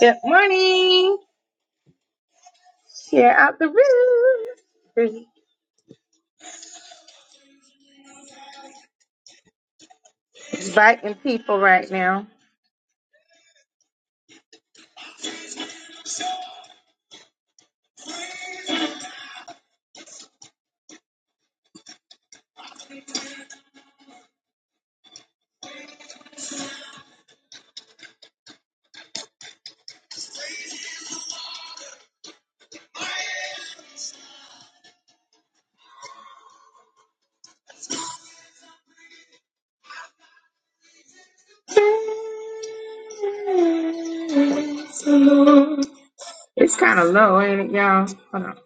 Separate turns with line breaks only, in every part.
Good morning. Share out the room. We're inviting people right now. It's kind of low, ain't it, y'all? Hold on.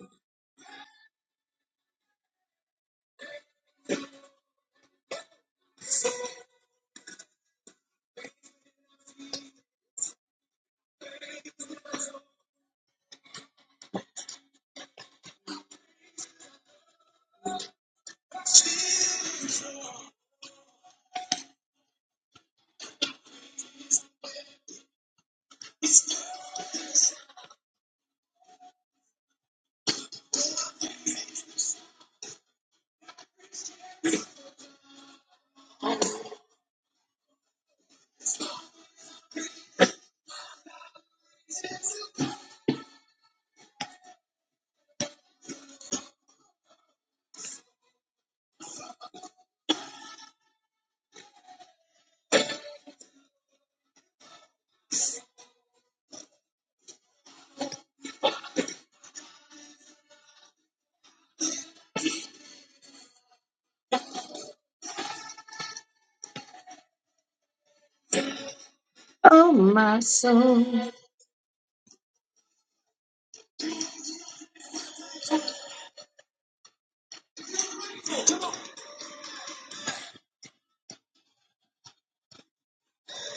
Oh, my soul.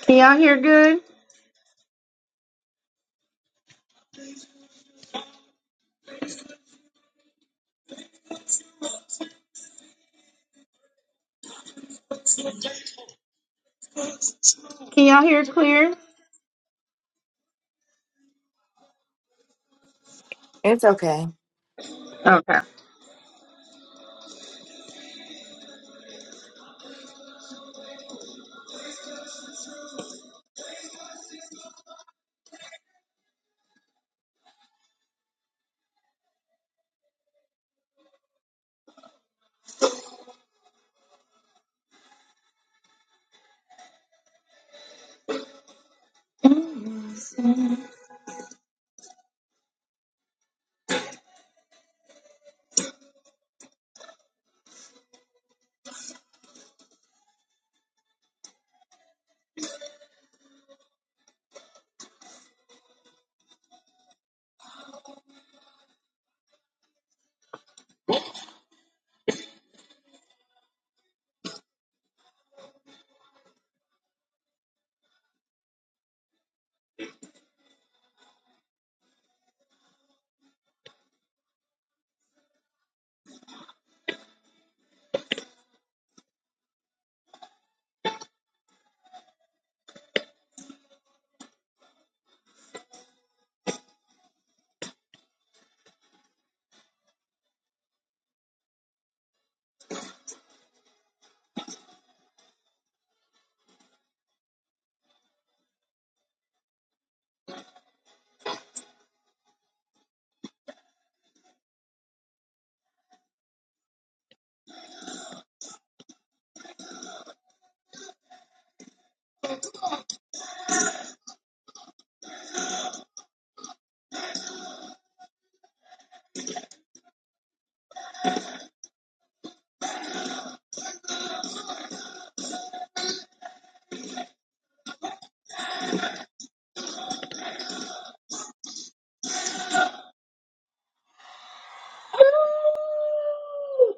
Can y'all hear good? Can y'all hear clear?
It's okay.
Okay.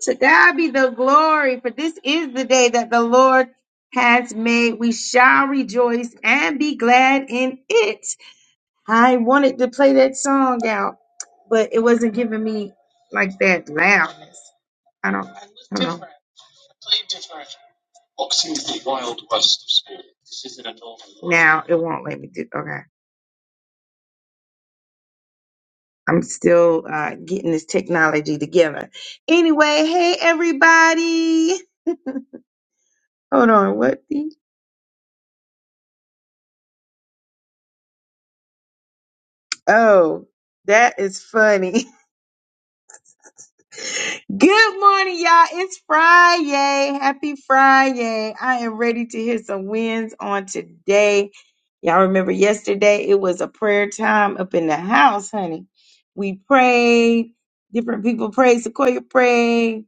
To God be the glory, for this is the day that the Lord has made. We shall rejoice and be glad in it. I wanted to play that song out, but it wasn't giving me like that loudness. I don't, I don't know. Now it won't let me do. Okay, I'm still uh, getting this technology together. Anyway, hey everybody. Hold on, what? The, oh, that is funny. Good morning, y'all. It's Friday. Happy Friday. I am ready to hear some wins on today. Y'all remember yesterday it was a prayer time up in the house, honey. We prayed. Different people prayed. Sequoia prayed.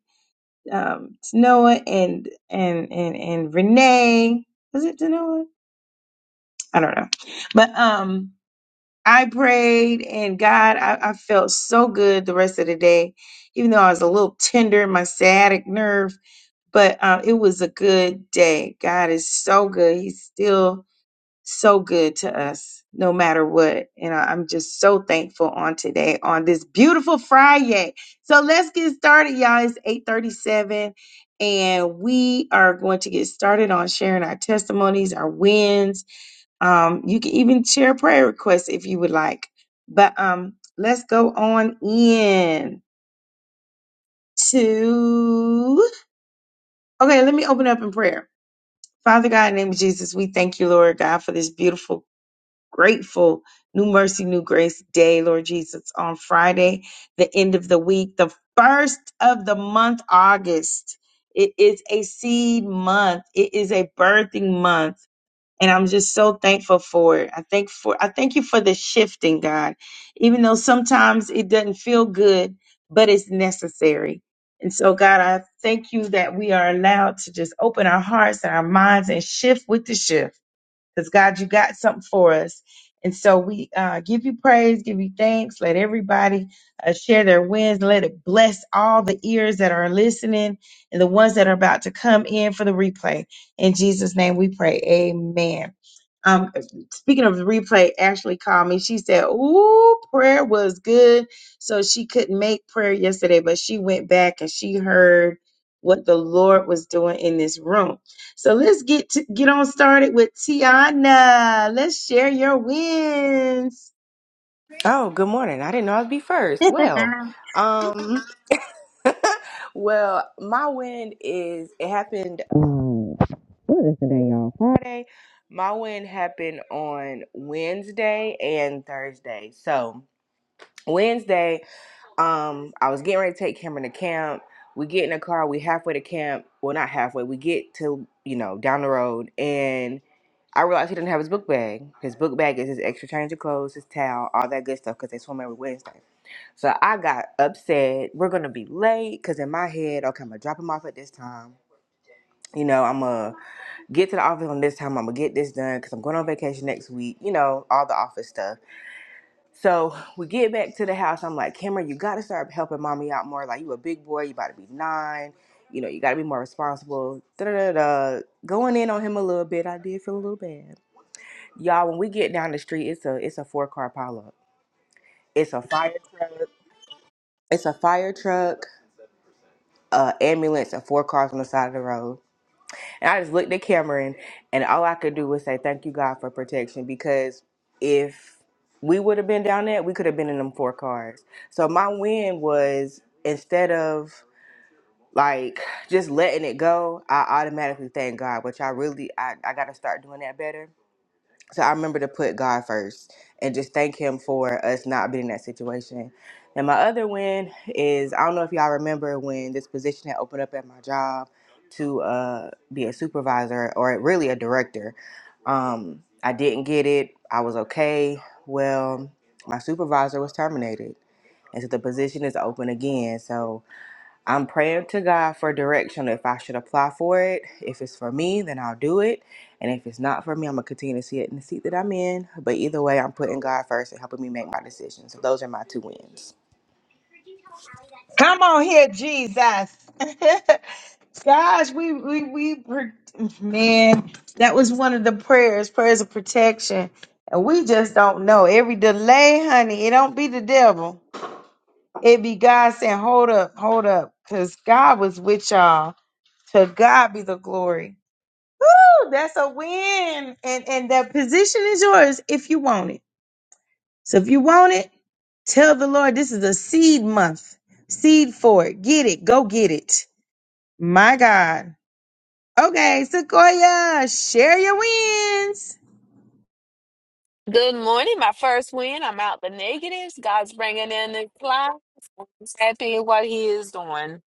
Um, Tanoa and and and and Renee. Was it Tanoa? I don't know. But um, I prayed and God, I, I felt so good the rest of the day, even though I was a little tender in my sciatic nerve but uh, it was a good day. God is so good. He's still so good to us, no matter what. And I- I'm just so thankful on today, on this beautiful Friday. So let's get started, y'all. It's 8:37, and we are going to get started on sharing our testimonies, our wins. Um, you can even share prayer requests if you would like. But um, let's go on in to. Okay, let me open up in prayer. Father God, in the name of Jesus, we thank you, Lord God, for this beautiful, grateful, new mercy, new grace day, Lord Jesus, on Friday, the end of the week, the first of the month, August. It is a seed month. It is a birthing month and I'm just so thankful for it. I thank for I thank you for the shifting, God. Even though sometimes it doesn't feel good, but it's necessary. And so, God, I thank you that we are allowed to just open our hearts and our minds and shift with the shift because God, you got something for us. And so we uh, give you praise, give you thanks. Let everybody uh, share their wins. Let it bless all the ears that are listening and the ones that are about to come in for the replay. In Jesus' name we pray. Amen. Um, speaking of the replay, Ashley called me. She said, Ooh, prayer was good. So she couldn't make prayer yesterday, but she went back and she heard what the Lord was doing in this room. So let's get to, get on started with Tiana. Let's share your wins.
Oh, good morning. I didn't know I'd be first. Well,
Come
um, well, my win is it happened. Um, what is today, y'all? Friday. My win happened on Wednesday and Thursday. So Wednesday, um, I was getting ready to take Cameron to camp. We get in the car. We halfway to camp. Well, not halfway. We get to you know down the road, and I realized he didn't have his book bag. His book bag is his extra change of clothes, his towel, all that good stuff, because they swim every Wednesday. So I got upset. We're gonna be late because in my head, okay, I'm gonna drop him off at this time. You know, I'm gonna get to the office on this time. I'm gonna get this done because I'm going on vacation next week. You know, all the office stuff. So we get back to the house. I'm like, Cameron, you gotta start helping mommy out more. Like you a big boy, you about to be nine. You know, you gotta be more responsible. Da da da. Going in on him a little bit, I did feel a little bad. Y'all, when we get down the street, it's a it's a four car pileup. It's a fire truck. It's a fire truck uh, ambulance and four cars on the side of the road. And I just looked at Cameron, and all I could do was say, Thank you, God, for protection. Because if we would have been down there, we could have been in them four cars. So my win was instead of like just letting it go, I automatically thank God, which I really, I, I got to start doing that better so I remember to put God first and just thank Him for us not being in that situation. And my other win is I don't know if y'all remember when this position had opened up at my job to uh, be a supervisor or really a director. Um, I didn't get it. I was okay. Well, my supervisor was terminated. And so the position is open again. So I'm praying to God for direction if I should apply for it. If it's for me, then I'll do it. And if it's not for me, I'm going to continue to see it in the seat that I'm in. But either way, I'm putting God first and helping me make my decisions. So those are my two wins.
on here, Jesus. Gosh, we we we were- man, that was one of the prayers, prayers of protection. And we just don't know. Every delay, honey, it don't be the devil. It be God saying, "Hold up, hold up," because God was with y'all. To God be the glory. Woo, that's a win. And and that position is yours if you want it. So if you want it, tell the Lord this is a seed month. Seed for it. Get it. Go get it. My God. Okay, Sequoia, share your wins.
Good morning. My first win. I'm out the negatives. God's bringing in the clouds. I'm just happy what He is doing.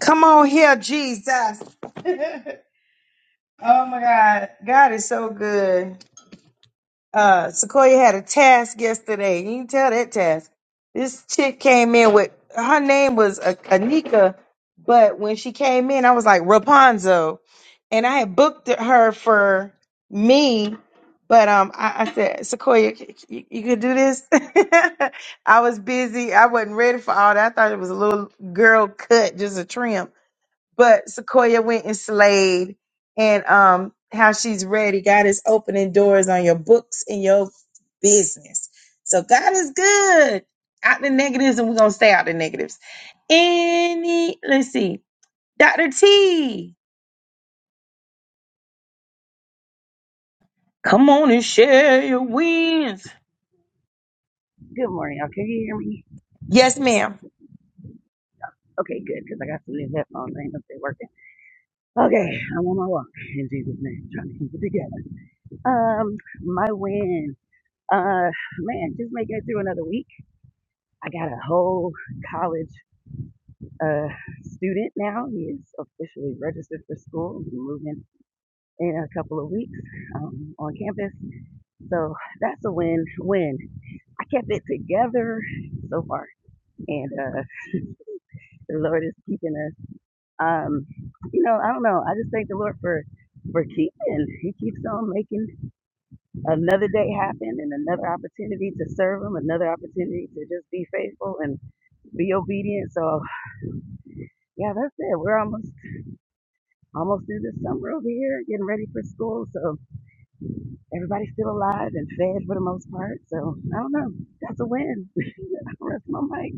Come on here, Jesus. oh my God. God is so good. uh Sequoia had a task yesterday. You can tell that task. This chick came in with her name was A- Anika, but when she came in, I was like Rapunzel, and I had booked her for me. But um, I, I said Sequoia, c- c- you, you could do this. I was busy. I wasn't ready for all that. I thought it was a little girl cut, just a trim but Sequoia went and slayed and um how she's ready. God is opening doors on your books and your business. So God is good. Out the negatives, and we're gonna stay out the negatives. Any let's see, Dr. T, come on and share your wins.
Good morning, y'all. Can you hear me?
Yes, ma'am.
Okay, good, because I got some new headphones. I ain't know if they working. Okay, I'm on my walk in Jesus' name, trying to keep it together. Um, my win. Uh, man, just making it through another week. I got a whole college uh student now. He is officially registered for school. He's moving in a couple of weeks um, on campus. So that's a win. Win. I kept it together so far, and uh, the Lord is keeping us. Um, you know, I don't know. I just thank the Lord for for keeping. He keeps on making another day happen and another opportunity to serve him, another opportunity to just be faithful and be obedient. So yeah, that's it. We're almost almost through the summer over here, getting ready for school. So everybody's still alive and fed for the most part. So I don't know. That's a win. I'll rest my mic.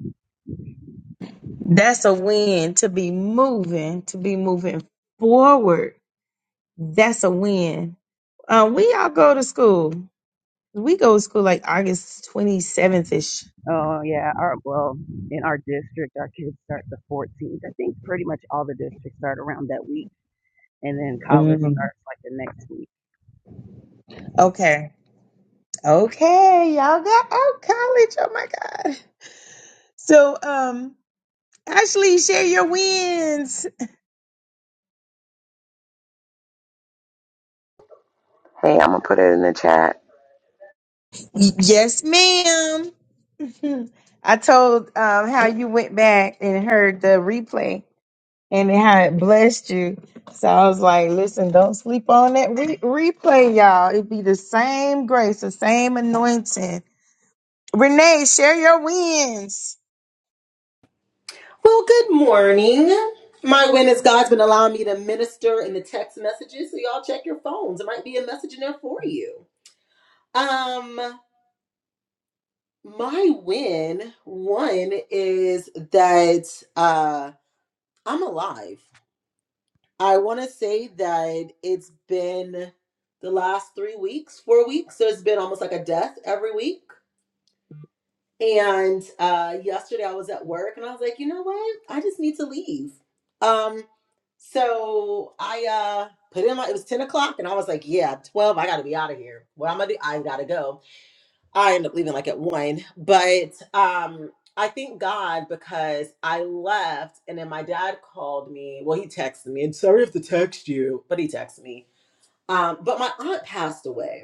That's a win to be moving, to be moving forward. That's a win. Um, we all go to school. We go to school like August 27th ish.
Oh yeah, our well, in our district our kids start the fourteenth. I think pretty much all the districts start around that week and then college
Mm.
starts like the next week.
Okay. Okay. Y'all got out college. Oh my God. So, um, Ashley, share your wins.
Hey, I'm gonna put it in the chat.
Y- Yes, ma'am. Mhm. I told um how you went back and heard the replay and how it blessed you. So I was like, listen, don't sleep on that re- replay, y'all. It be the same grace, the same anointing. Renee, share your wins.
Well, good morning. My witness God's been allowing me to minister in the text messages, so y'all check your phones. There might be a message in there for you. Um, my win one is that uh I'm alive. I want to say that it's been the last three weeks, four weeks. So it's been almost like a death every week. And uh, yesterday I was at work and I was like, you know what? I just need to leave. Um, so I uh, put in my, it was 10 o'clock and I was like, yeah, 12, I gotta be out of here. What I'm gonna do, I gotta go. I end up leaving like at one. But um, I thank God because I left and then my dad called me. Well, he texted me and sorry if to text you, but he texted me. Um, but my aunt passed away.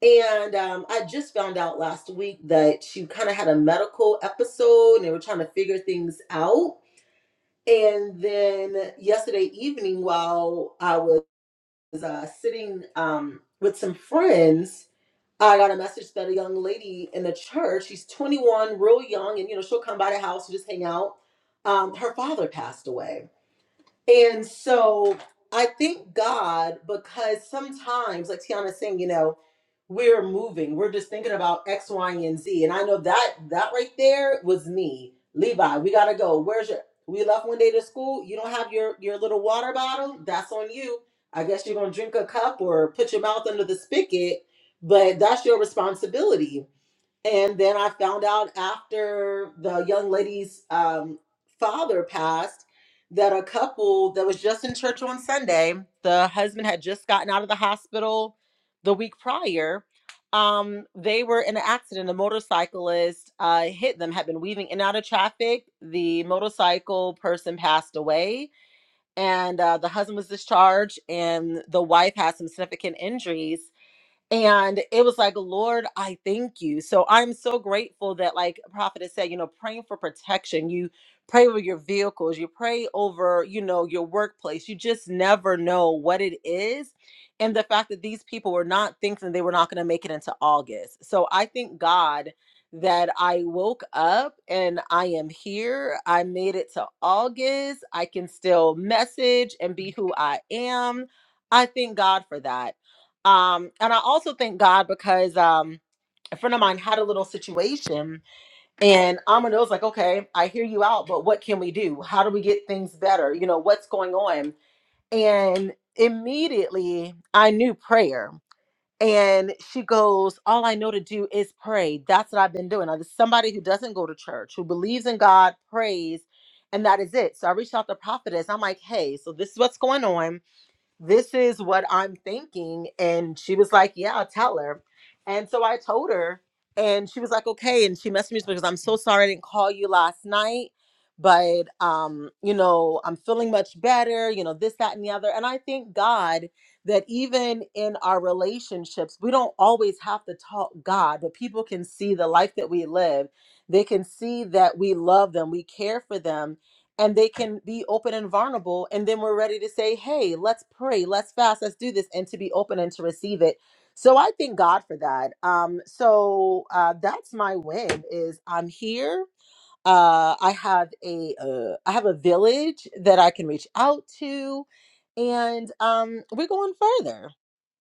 And um, I just found out last week that she kind of had a medical episode and they were trying to figure things out. And then yesterday evening, while I was uh, sitting um, with some friends, I got a message that a young lady in the church, she's 21, real young, and you know, she'll come by the house and just hang out. Um, her father passed away and so I thank God because sometimes, like Tiana's saying, you know, we're moving. We're just thinking about X, Y, and Z. And I know that that right there was me. Levi, we gotta go. Where's your we left one day to school. You don't have your your little water bottle. That's on you. I guess you're gonna drink a cup or put your mouth under the spigot, but that's your responsibility and then I found out after the young lady's um, father passed that a couple that was just in church on Sunday, the husband had just gotten out of the hospital the week prior. Um, they were in an accident. A motorcyclist uh, hit them, had been weaving in and out of traffic. The motorcycle person passed away, and uh, the husband was discharged, and the wife had some significant injuries and it was like lord i thank you so i'm so grateful that like prophet has said you know praying for protection you pray over your vehicles you pray over you know your workplace you just never know what it is and the fact that these people were not thinking they were not going to make it into august so i thank god that i woke up and i am here i made it to august i can still message and be who i am I thank God for that. Um, and I also thank God because um, a friend of mine had a little situation, and Amanda was like, "Okay, I hear you out, but what can we do? How do we get things better? You know, what's going on?" And immediately, I knew prayer. And she goes, All I know to do is pray. That's what I've been doing. I just somebody who doesn't go to church, who believes in God, prays, and that is it. So I reached out to Prophetess. I'm like, Hey, so this is what's going on this is what I'm thinking. And she was like, Yeah, I'll tell her. And so I told her, and she was like, Okay. And she messaged me because I'm so sorry I didn't call you last night. But um, you know, I'm feeling much better, you know, this, that, and the other. And I thank God that even in our relationships, we don't always have to talk God, but people can see the life that we live. They can see that we love them, we care for them, and they can be open and vulnerable and then we're ready to say hey let's pray let's fast let's do this and to be open and to receive it so i thank god for that um so uh that's my win is i'm here uh i have a uh, i have a village that i can reach out to and um we're going further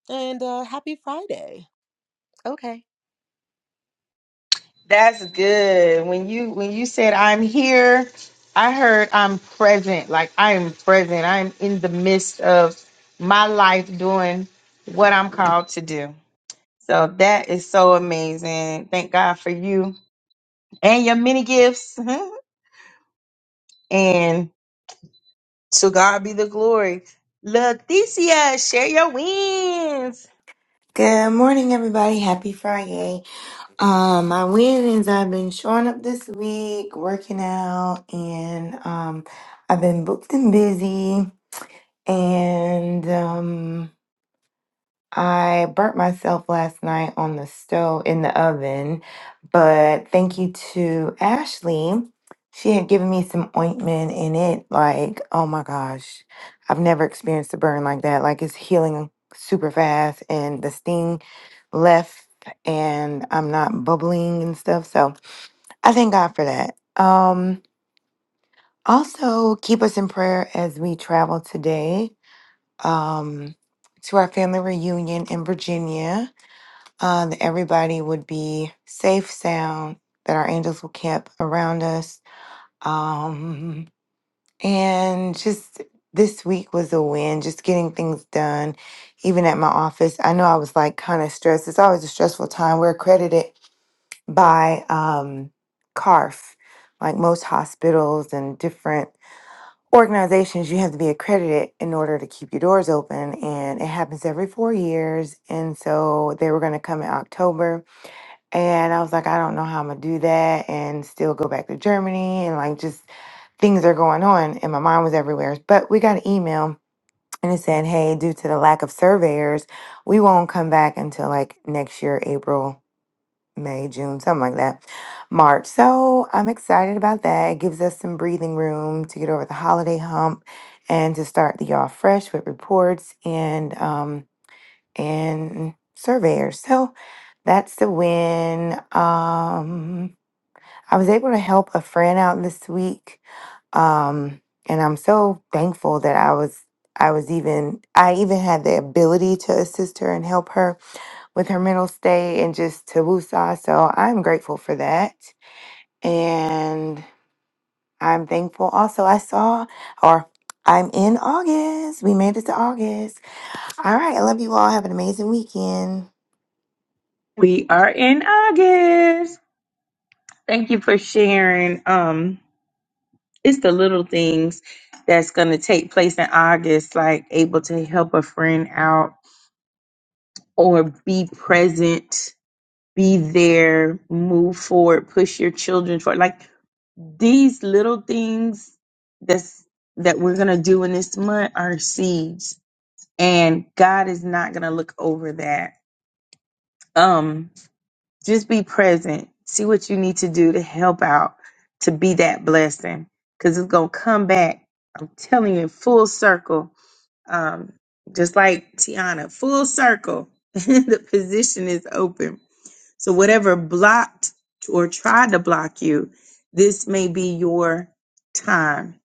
and uh happy friday okay
That's good. When you when you said I'm here, I heard I'm present. Like I am present. I'm in the midst of my life doing what I'm called to do. So that is so amazing. Thank God for you and your many gifts. and to God be the glory. Leticia, share your wins.
Good morning, everybody. Happy Friday. Um, my win is I've been showing up this week, working out, and um, I've been booked and busy. And um. I burnt myself last night on the stove in the oven, but thank you to Ashley. She had given me some ointment in it. Like, oh my gosh, I've never experienced a burn like that. Like, it's healing super fast, and the sting left, and I'm not bubbling and stuff. So, I thank God for that. Um, also, keep us in prayer as we travel today um, to our family reunion in Virginia uh, that everybody would be safe, sound, that our angels will camp around us. Um, and just this week was a win, just getting things done, even at my office. I know I was like kind of stressed. It's always a stressful time. We're accredited by um, CARF, like most hospitals and different organizations you have to be accredited in order to keep your doors open and it happens every four years and so they were going to come in october and I was like, I don't know how I'm gonna do that and still go back to Germany and like just things are going on. And my mind was everywhere. But we got an email and it said, Hey, due to the lack of surveyors, we won't come back until like next year, April, May, June, something like that. March. So I'm excited about that. It gives us some breathing room to get over the holiday hump and to start the year off fresh with reports and um and surveyors. So that's the win. Um, I was able to help a friend out this week, um, and I'm so thankful that I was. I was even I even had the ability to assist her and help her with her mental state and just to woosah. So I'm grateful for that, and I'm thankful. Also, I saw or I'm in August. We made it to August. All right, I love you all. Have an amazing weekend.
We are in August. Thank you for sharing. Um it's the little things that's going to take place in August, like able to help a friend out or be present, be there, move forward, push your children forward. Like these little things that's that we're going to do in this month are seeds and God is not going to look over that. Um just be present. See what you need to do to help out to be that blessing cuz it's going to come back. I'm telling you in full circle um, just like Tiana, full circle, the position is open. So whatever blocked or tried to block you, this may be your time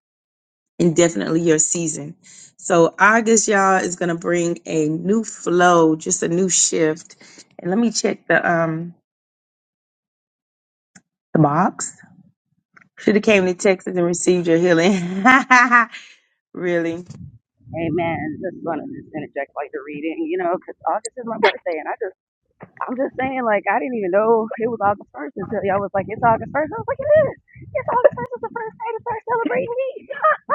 and definitely your season. So August, y'all, is gonna bring a new flow, just a new shift. And let me check the um the box. Should have came to Texas and received your healing. really.
Amen. Just want to just interject like the reading, you know? Cause August is my birthday, and I just, I'm just saying, like, I didn't even know it was August 1st until y'all was like, it's August 1st. I was like, it is. It's August 1st. It's the first day to start celebrating me.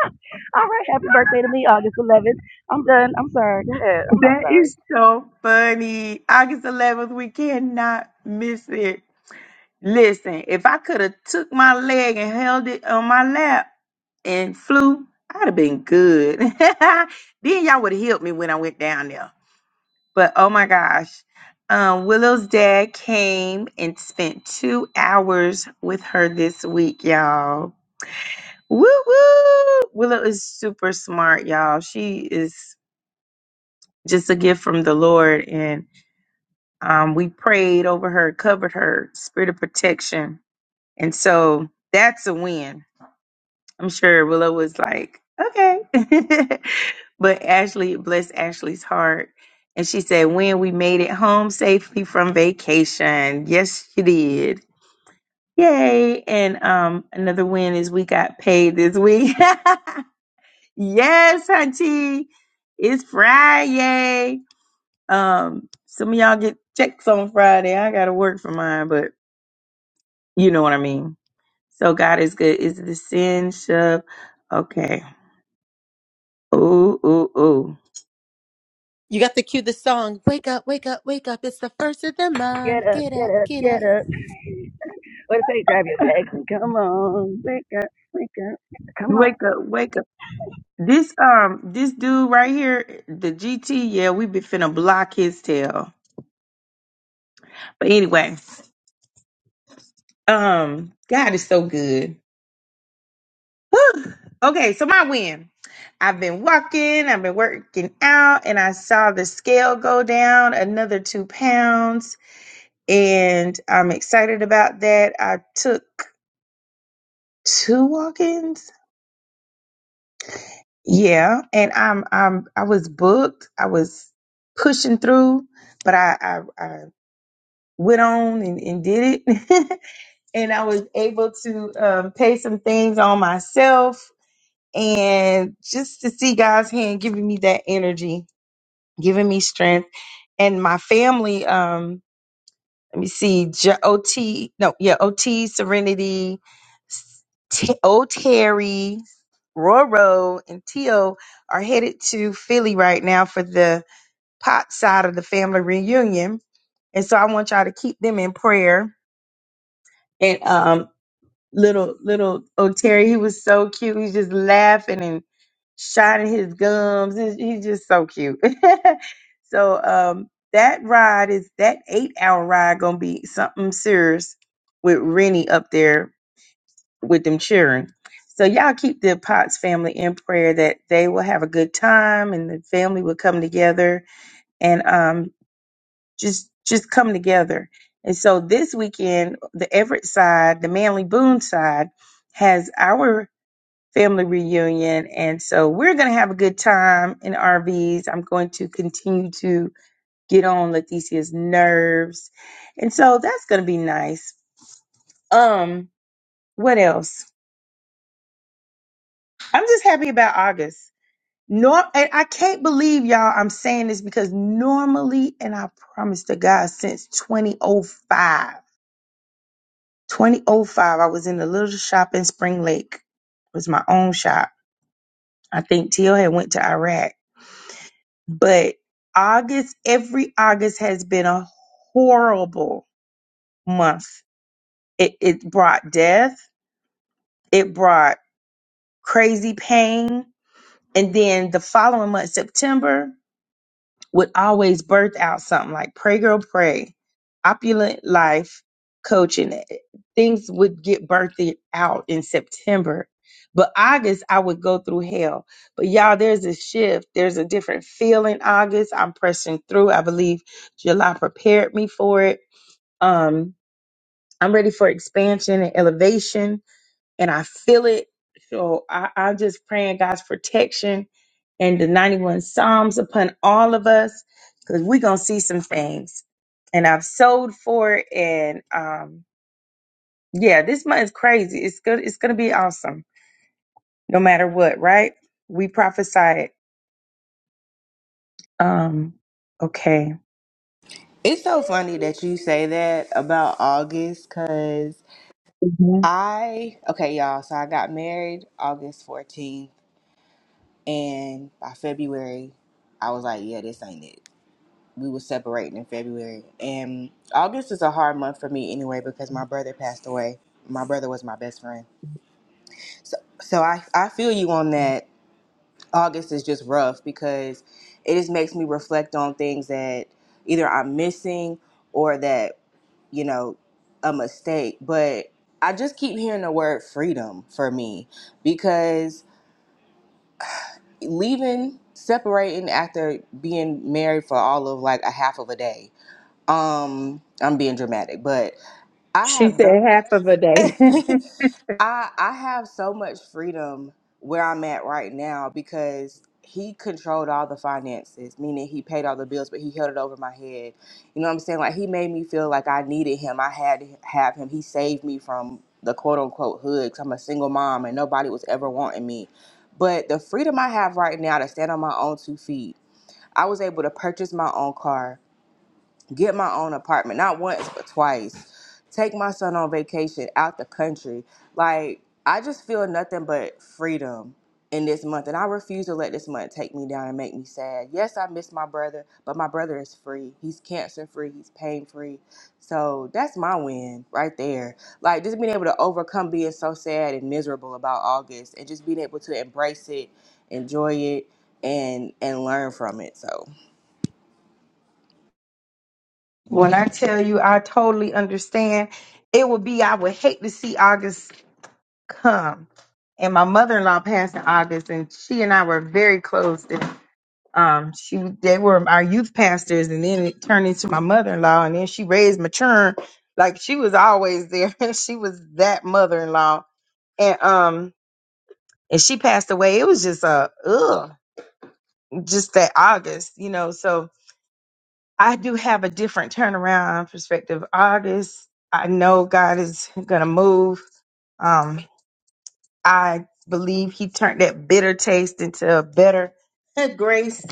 All right. Happy birthday to me, August 11th. I'm done. I'm sorry. Go ahead. I'm not
That
sorry.
is so funny. August 11th, we cannot miss it. Listen, if I could have took my leg and held it on my lap and flew, I'd have been good. then y'all would have helped me when I went down there. But oh my gosh, um, Willow's dad came and spent two hours with her this week, y'all. Woo woo! Willow is super smart, y'all. She is just a gift from the Lord, and Um, we prayed over her, covered her, spirit of protection. And so that's a win. I'm sure Willow was like, okay. but Ashley, it blessed Ashley's heart. And she said, when we made it home safely from vacation. Yes, she did. Yay. And um, another win is we got paid this week. yes, hunty. It's Friday. Um, some of y'all get checks on Friday. I gotta work for mine, but. You know what I mean? So God is good. Is the sin shove? Okay. Ooh, ooh, ooh.
you got to cue the song wake up wake up wake up it's the first of the
Get
month
up,
get
get
up
up,
get up.
get up. What it say? Grab your bags and come on. Wake up, wake up. Come on.
Wake up, wake up. This um this dude right here, the GT, yeah, we be finna block his tail. But anyway, um, God is so good. Whew. Okay, so my win. I've been walking, I've been working out, and I saw the scale go down another two pounds. And I'm excited about that. I took two walk Yeah, and I'm I'm I was booked. I was pushing through, but I I, I went on and, and did it, and I was able to um, pay some things on myself, and just to see God's hand giving me that energy, giving me strength, and my family. Um, let me see, J- OT, no, yeah, OT, Serenity, S- T- O'Terry, Roro, and Tio are headed to Philly right now for the pop side of the family reunion. And so I want y'all to keep them in prayer. And um, little little oh Terry, he was so cute. He's just laughing and shining his gums. He's, he's just so cute. so um that ride is that eight hour ride gonna be something serious with Rennie up there with them cheering. So y'all keep the Potts family in prayer that they will have a good time and the family will come together. and. um, just just come together. And so this weekend, the Everett side, the Manly Boone side, has our family reunion, and so we're going to have a good time in RVs. I'm going to continue to get on Leticia's nerves, and so that's going to be nice. Um, what else? I'm just happy about August. Nor and I can't believe y'all. I'm saying this because normally, and I promise to God, since 2005. 2005, I was in a little shop in Spring Lake. It was my own shop. I think Teal had went to Iraq. But August, every August has been a horrible month. It, it brought death. It brought crazy pain. And then the following month, September, would always birth out something like Pray Girl Pray, Opulent Life Coaching. eh, Things would get birthed out in September. But August, I would go through hell. But y'all, there's a shift. There's a different feel in August. I'm pressing through. I believe July prepared me for it. Um, I'm ready for expansion and elevation and I feel it. So I, I'm just praying God's protection and the 91 Psalms upon all of us because we're going to see some things. And I've sold for it. And um, yeah, this month is crazy. It's good. It's going to be awesome no matter what, right? We prophesy it. Um, okay.
It's so funny that you say that about August because
Mhm.
I, okay, y'all, so I got married August 14th, and by February, I was like, yeah, this ain't it. we were separating in February. And August is a hard month for me anyway because my brother passed away. My brother was my best friend. So so I, I feel you on that. August is just rough because it just makes me reflect on things that either I'm missing or that, you know, a mistake. But I just keep hearing the word freedom for me because leaving, separating after being married for all of like a half of a day um i'm being dramatic but i
She
have the
said half of a day.
i i have so much freedom where i'm at right now because he controlled all the finances meaning he paid all the bills but he held it over my head you know what i'm saying like he made me feel like i needed him i had to have him he saved me from the quote unquote hood i i'm a single mom and nobody was ever wanting me but the freedom i have right now to stand on my own two feet i was able to purchase my own car get my own apartment not once but twice take my son on vacation out the country like i just feel nothing but freedom in this month and i refuse to let this month take me down and make me sad yes i miss my brother but my brother is free he's cancer free he's pain free so that's my win right there like just being able to overcome being so sad and miserable about august and just being able to embrace it enjoy it and and learn from it so
when I tell you, I totally understand. It would be, I would hate to see August come. And my mother in law passed in August, and she and I were very close. And um, she they were our youth pastors, and then it turned into my mother in law, and then she raised Mature. Like she was always there. she was that mother in law, and um, and she passed away. It was just a ugh, just that August, you know. So I do have a different turnaround perspective. August, I know God is gonna move. um. I believe he turned that bitter taste into a better grace.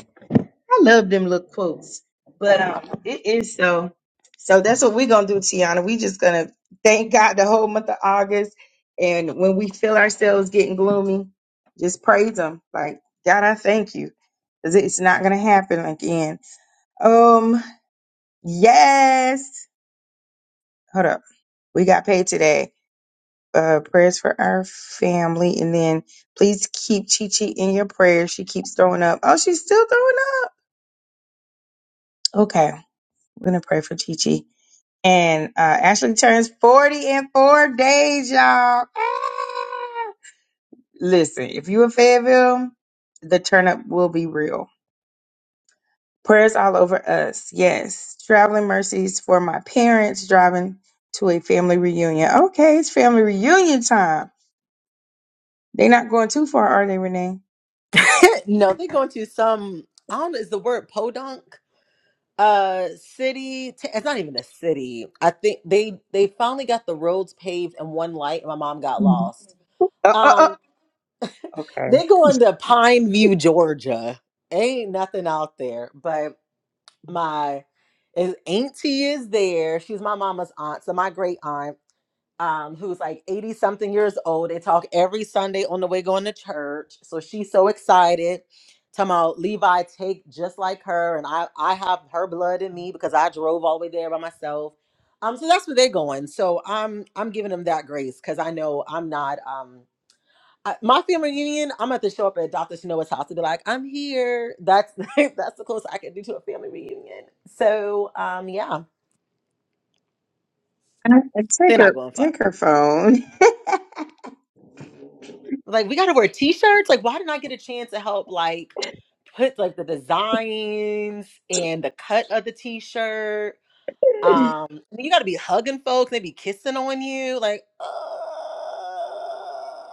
I love them little quotes, but um, it is so. So that's what we're gonna do, Tiana. We just gonna thank God the whole month of August, and when we feel ourselves getting gloomy, just praise Him. Like God, I thank you, because it's not gonna happen again. Um, yes. Hold up, we got paid today. uh, prayers for our family, and then please keep Chi Chi in your prayers. She keeps throwing up. Oh, she's still throwing up. Okay, we're gonna pray for Chi Chi. And uh, Ashley turns forty in four days, y'all. Ah! Listen, if you in Fayetteville, the turn up will be real. Prayers all over us. Yes, traveling mercies for my parents driving to a family reunion. Okay, it's family reunion time. They not going too far, are they, Renee?
no, they're going to some. I don't know. Is the word podunk? Uh, city. T- it's not even a city. I think they they finally got the roads paved and one light. And my mom got
Mhm.
lost.
Uh, uh, uh,
Um,
okay.
they going to Pine View, Georgia. Ain't nothing out there, but my is auntie is there. She's my mama's aunt, so my great aunt um, who's like 80 something years old. They talk every Sunday on the way going to church. So she's so excited. Talking about Levi take just like her, and I I have her blood in me because I drove all the way there by myself. Um, so that's where they're going. So I'm I'm giving them that grace because I know I'm not um I, my family reunion. I'm about to show up at Dr. Shanoa's house and be like, I'm here. That's that's the closest I can do to a family reunion. So um yeah,
I, I take
they're not
her,
going far.
take her phone
like we gotta wear t-shirts like why didn't i get a chance to help like put like the designs and the cut of the t-shirt um you gotta be hugging folks they be kissing on you like uh...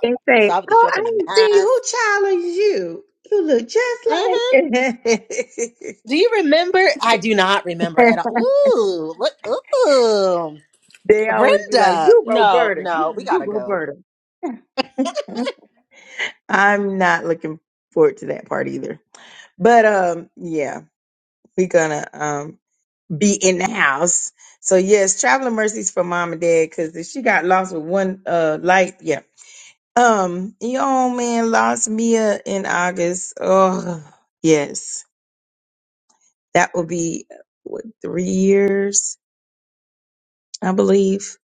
and say,
so i have to show
"Oh,
up in a
I ain't see
mask
who child are you? You look just
hmm
like."
do you remember i do not remember at all ooh look ooh
they always be like,
brenda
"You
no
Roberta,
no we
you you
gotta go
Roberta." I'm not looking forward to that part either. But um, yeah, we're gonna um be in the house. So yes, traveling mercies for mom and dad because if she got lost with one uh light, yeah. Um, your old man lost Mia in August. Oh yes, that will be what three years, I believe.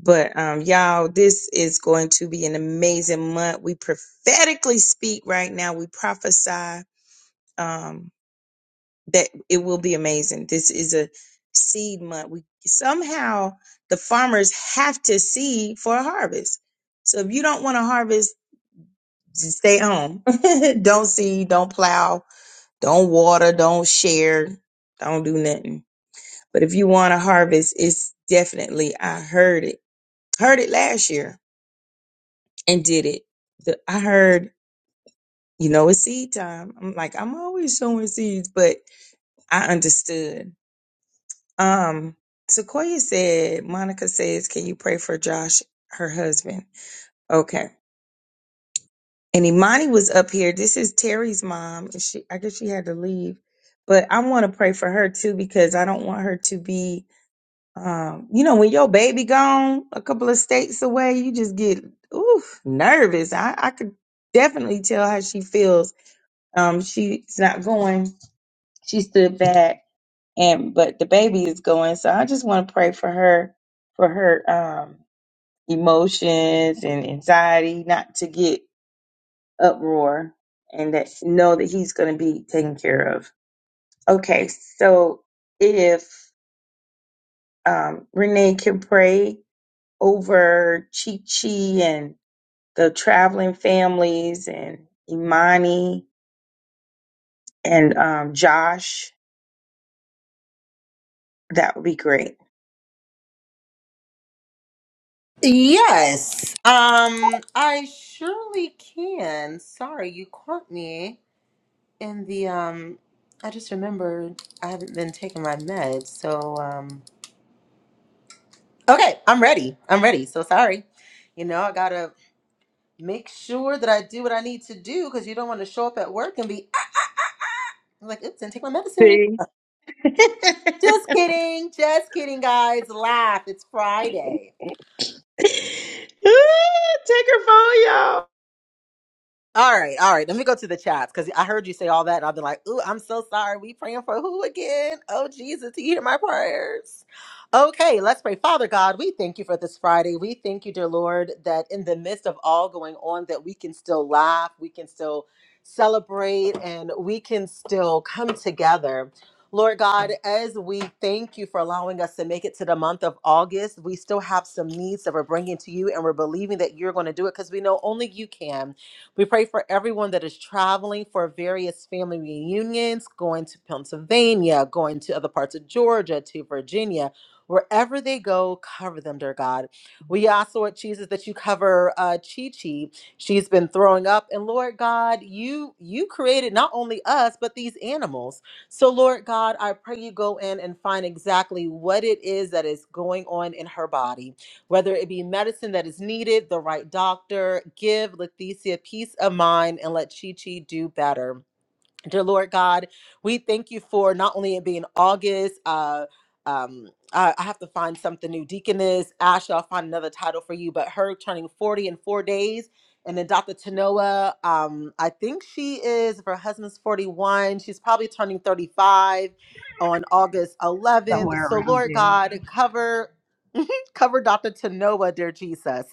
But um, y'all, this is going to be an amazing month. We prophetically speak right now. We prophesy. Um, that it will be amazing. This is a seed month. We somehow the farmers have to seed for a harvest. So if you don't want to harvest, just stay home. don't seed, don't plow, don't water, don't share, don't do nothing. But if you want to harvest, it's definitely I heard it. Heard it last year and did it. The, I heard, you know, it's seed time. I'm like, I'm always sowing seeds, but I understood Um, Sequoia said, Monica says, can you pray for Josh, her husband? Okay. And Imani was up here. This is Terry's mom. And she, I guess she had to leave, but I want to pray for her too, because I don't want her to be, um, you know, when your baby gone a couple of states away, you just get, oof, nervous. I, I could definitely tell how she feels. Um, she's not going. She stood back and but the baby is going so i just want to pray for her for her um emotions and anxiety not to get uproar and that she know that he's going to be taken care of okay so if um renee can pray over chi chi and the traveling families and imani and um josh that would be great
Yes. Um, I surely can. Sorry, you caught me in the um I just remembered I haven't been taking my meds. So um okay, I'm ready. I'm ready. So sorry. You know, I got to make sure that I do what I need to do cuz you don't want to show up at work and be "Ah," I'm like, "Oops, didn't take my medicine."
See?
Just kidding. Just kidding, guys. Laugh. It's Friday.
Take her phone,
All right, all right. Let me go to the chats because I heard you say all that, and I've been like, "Ooh, I'm so sorry. We praying for who again? Oh Jesus, you hear my prayers." Okay, let's pray. Father God, we thank you for this Friday. We thank you, dear Lord, that in the midst of all going on, that we can still laugh, we can still celebrate, and we can still come together. Lord God, as we thank you for allowing us to make it to the month of August, we still have some needs that we're bringing to you, and we're believing that you're going to do it because we know only you can. We pray for everyone that is traveling for various family reunions, going to Pennsylvania, going to other parts of Georgia, to Virginia. Wherever they go, cover them, dear God. We ask, Lord Jesus, that you cover uh, Chi Chi. She's been throwing up, and Lord God, you you created not only us but these animals. So, Lord God, I pray you go in and find exactly what it is that is going on in her body whether it be medicine that is needed, the right doctor, give Lethesia peace of mind and let Chi Chi do better. Dear Lord God, we thank you for not only it being August, uh, um, I, I have to find something new. Deaconess Ash, I'll find another title for you, but her turning 40 in four days. And then Dr. Tanoa, um, I think she is, if her husband's 41, she's probably turning 35 on August 11th.
Somewhere
So,
around
Lord
there.
God, cover Cover Dr. Tanoa, dear Jesus.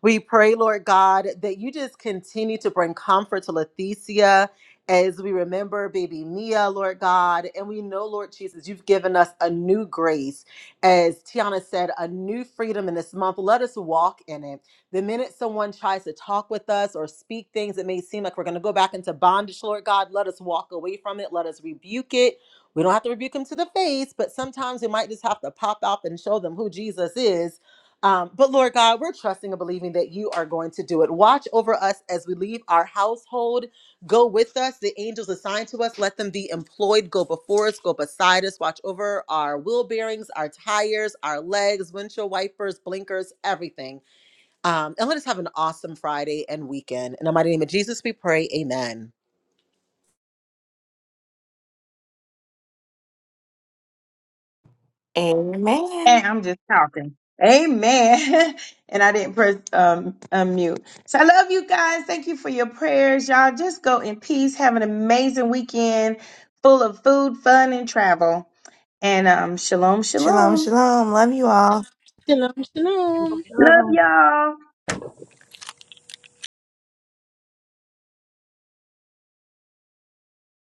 We pray, Lord God, that you just continue to bring comfort to Leticia as we remember baby Mia, Lord God. And we know, Lord Jesus, you've given us a new grace. As Tiana said, a new freedom in this month. Let us walk in it. The minute someone tries to talk with us or speak things that may seem like we're going to go back into bondage, Lord God, let us walk away from it. Let us rebuke it we don't have to rebuke them to the face, but sometimes we might just have to pop up and show them who Jesus is. Um, but Lord God, we're trusting and believing that you are going to do it. Watch over us as we leave our household. Go with us. The angels assigned to us, let them be employed. Go before us, go beside us. Watch over our wheel bearings, our tires, our legs, windshield wipers, blinkers, everything. Um, and let us have an awesome Friday and weekend. In the mighty name of Jesus, we pray. Amen.
Amen.
And I'm just talking. Amen. and I didn't press um unmute. So I love you guys. Thank you for your prayers. Y'all just go in peace. Have an amazing weekend full of food, fun, and travel. And um, shalom,
Shalom,
shalom.
shalom. Love you all.
Shalom,
Shalom,
shalom.
Love
shalom.
y'all.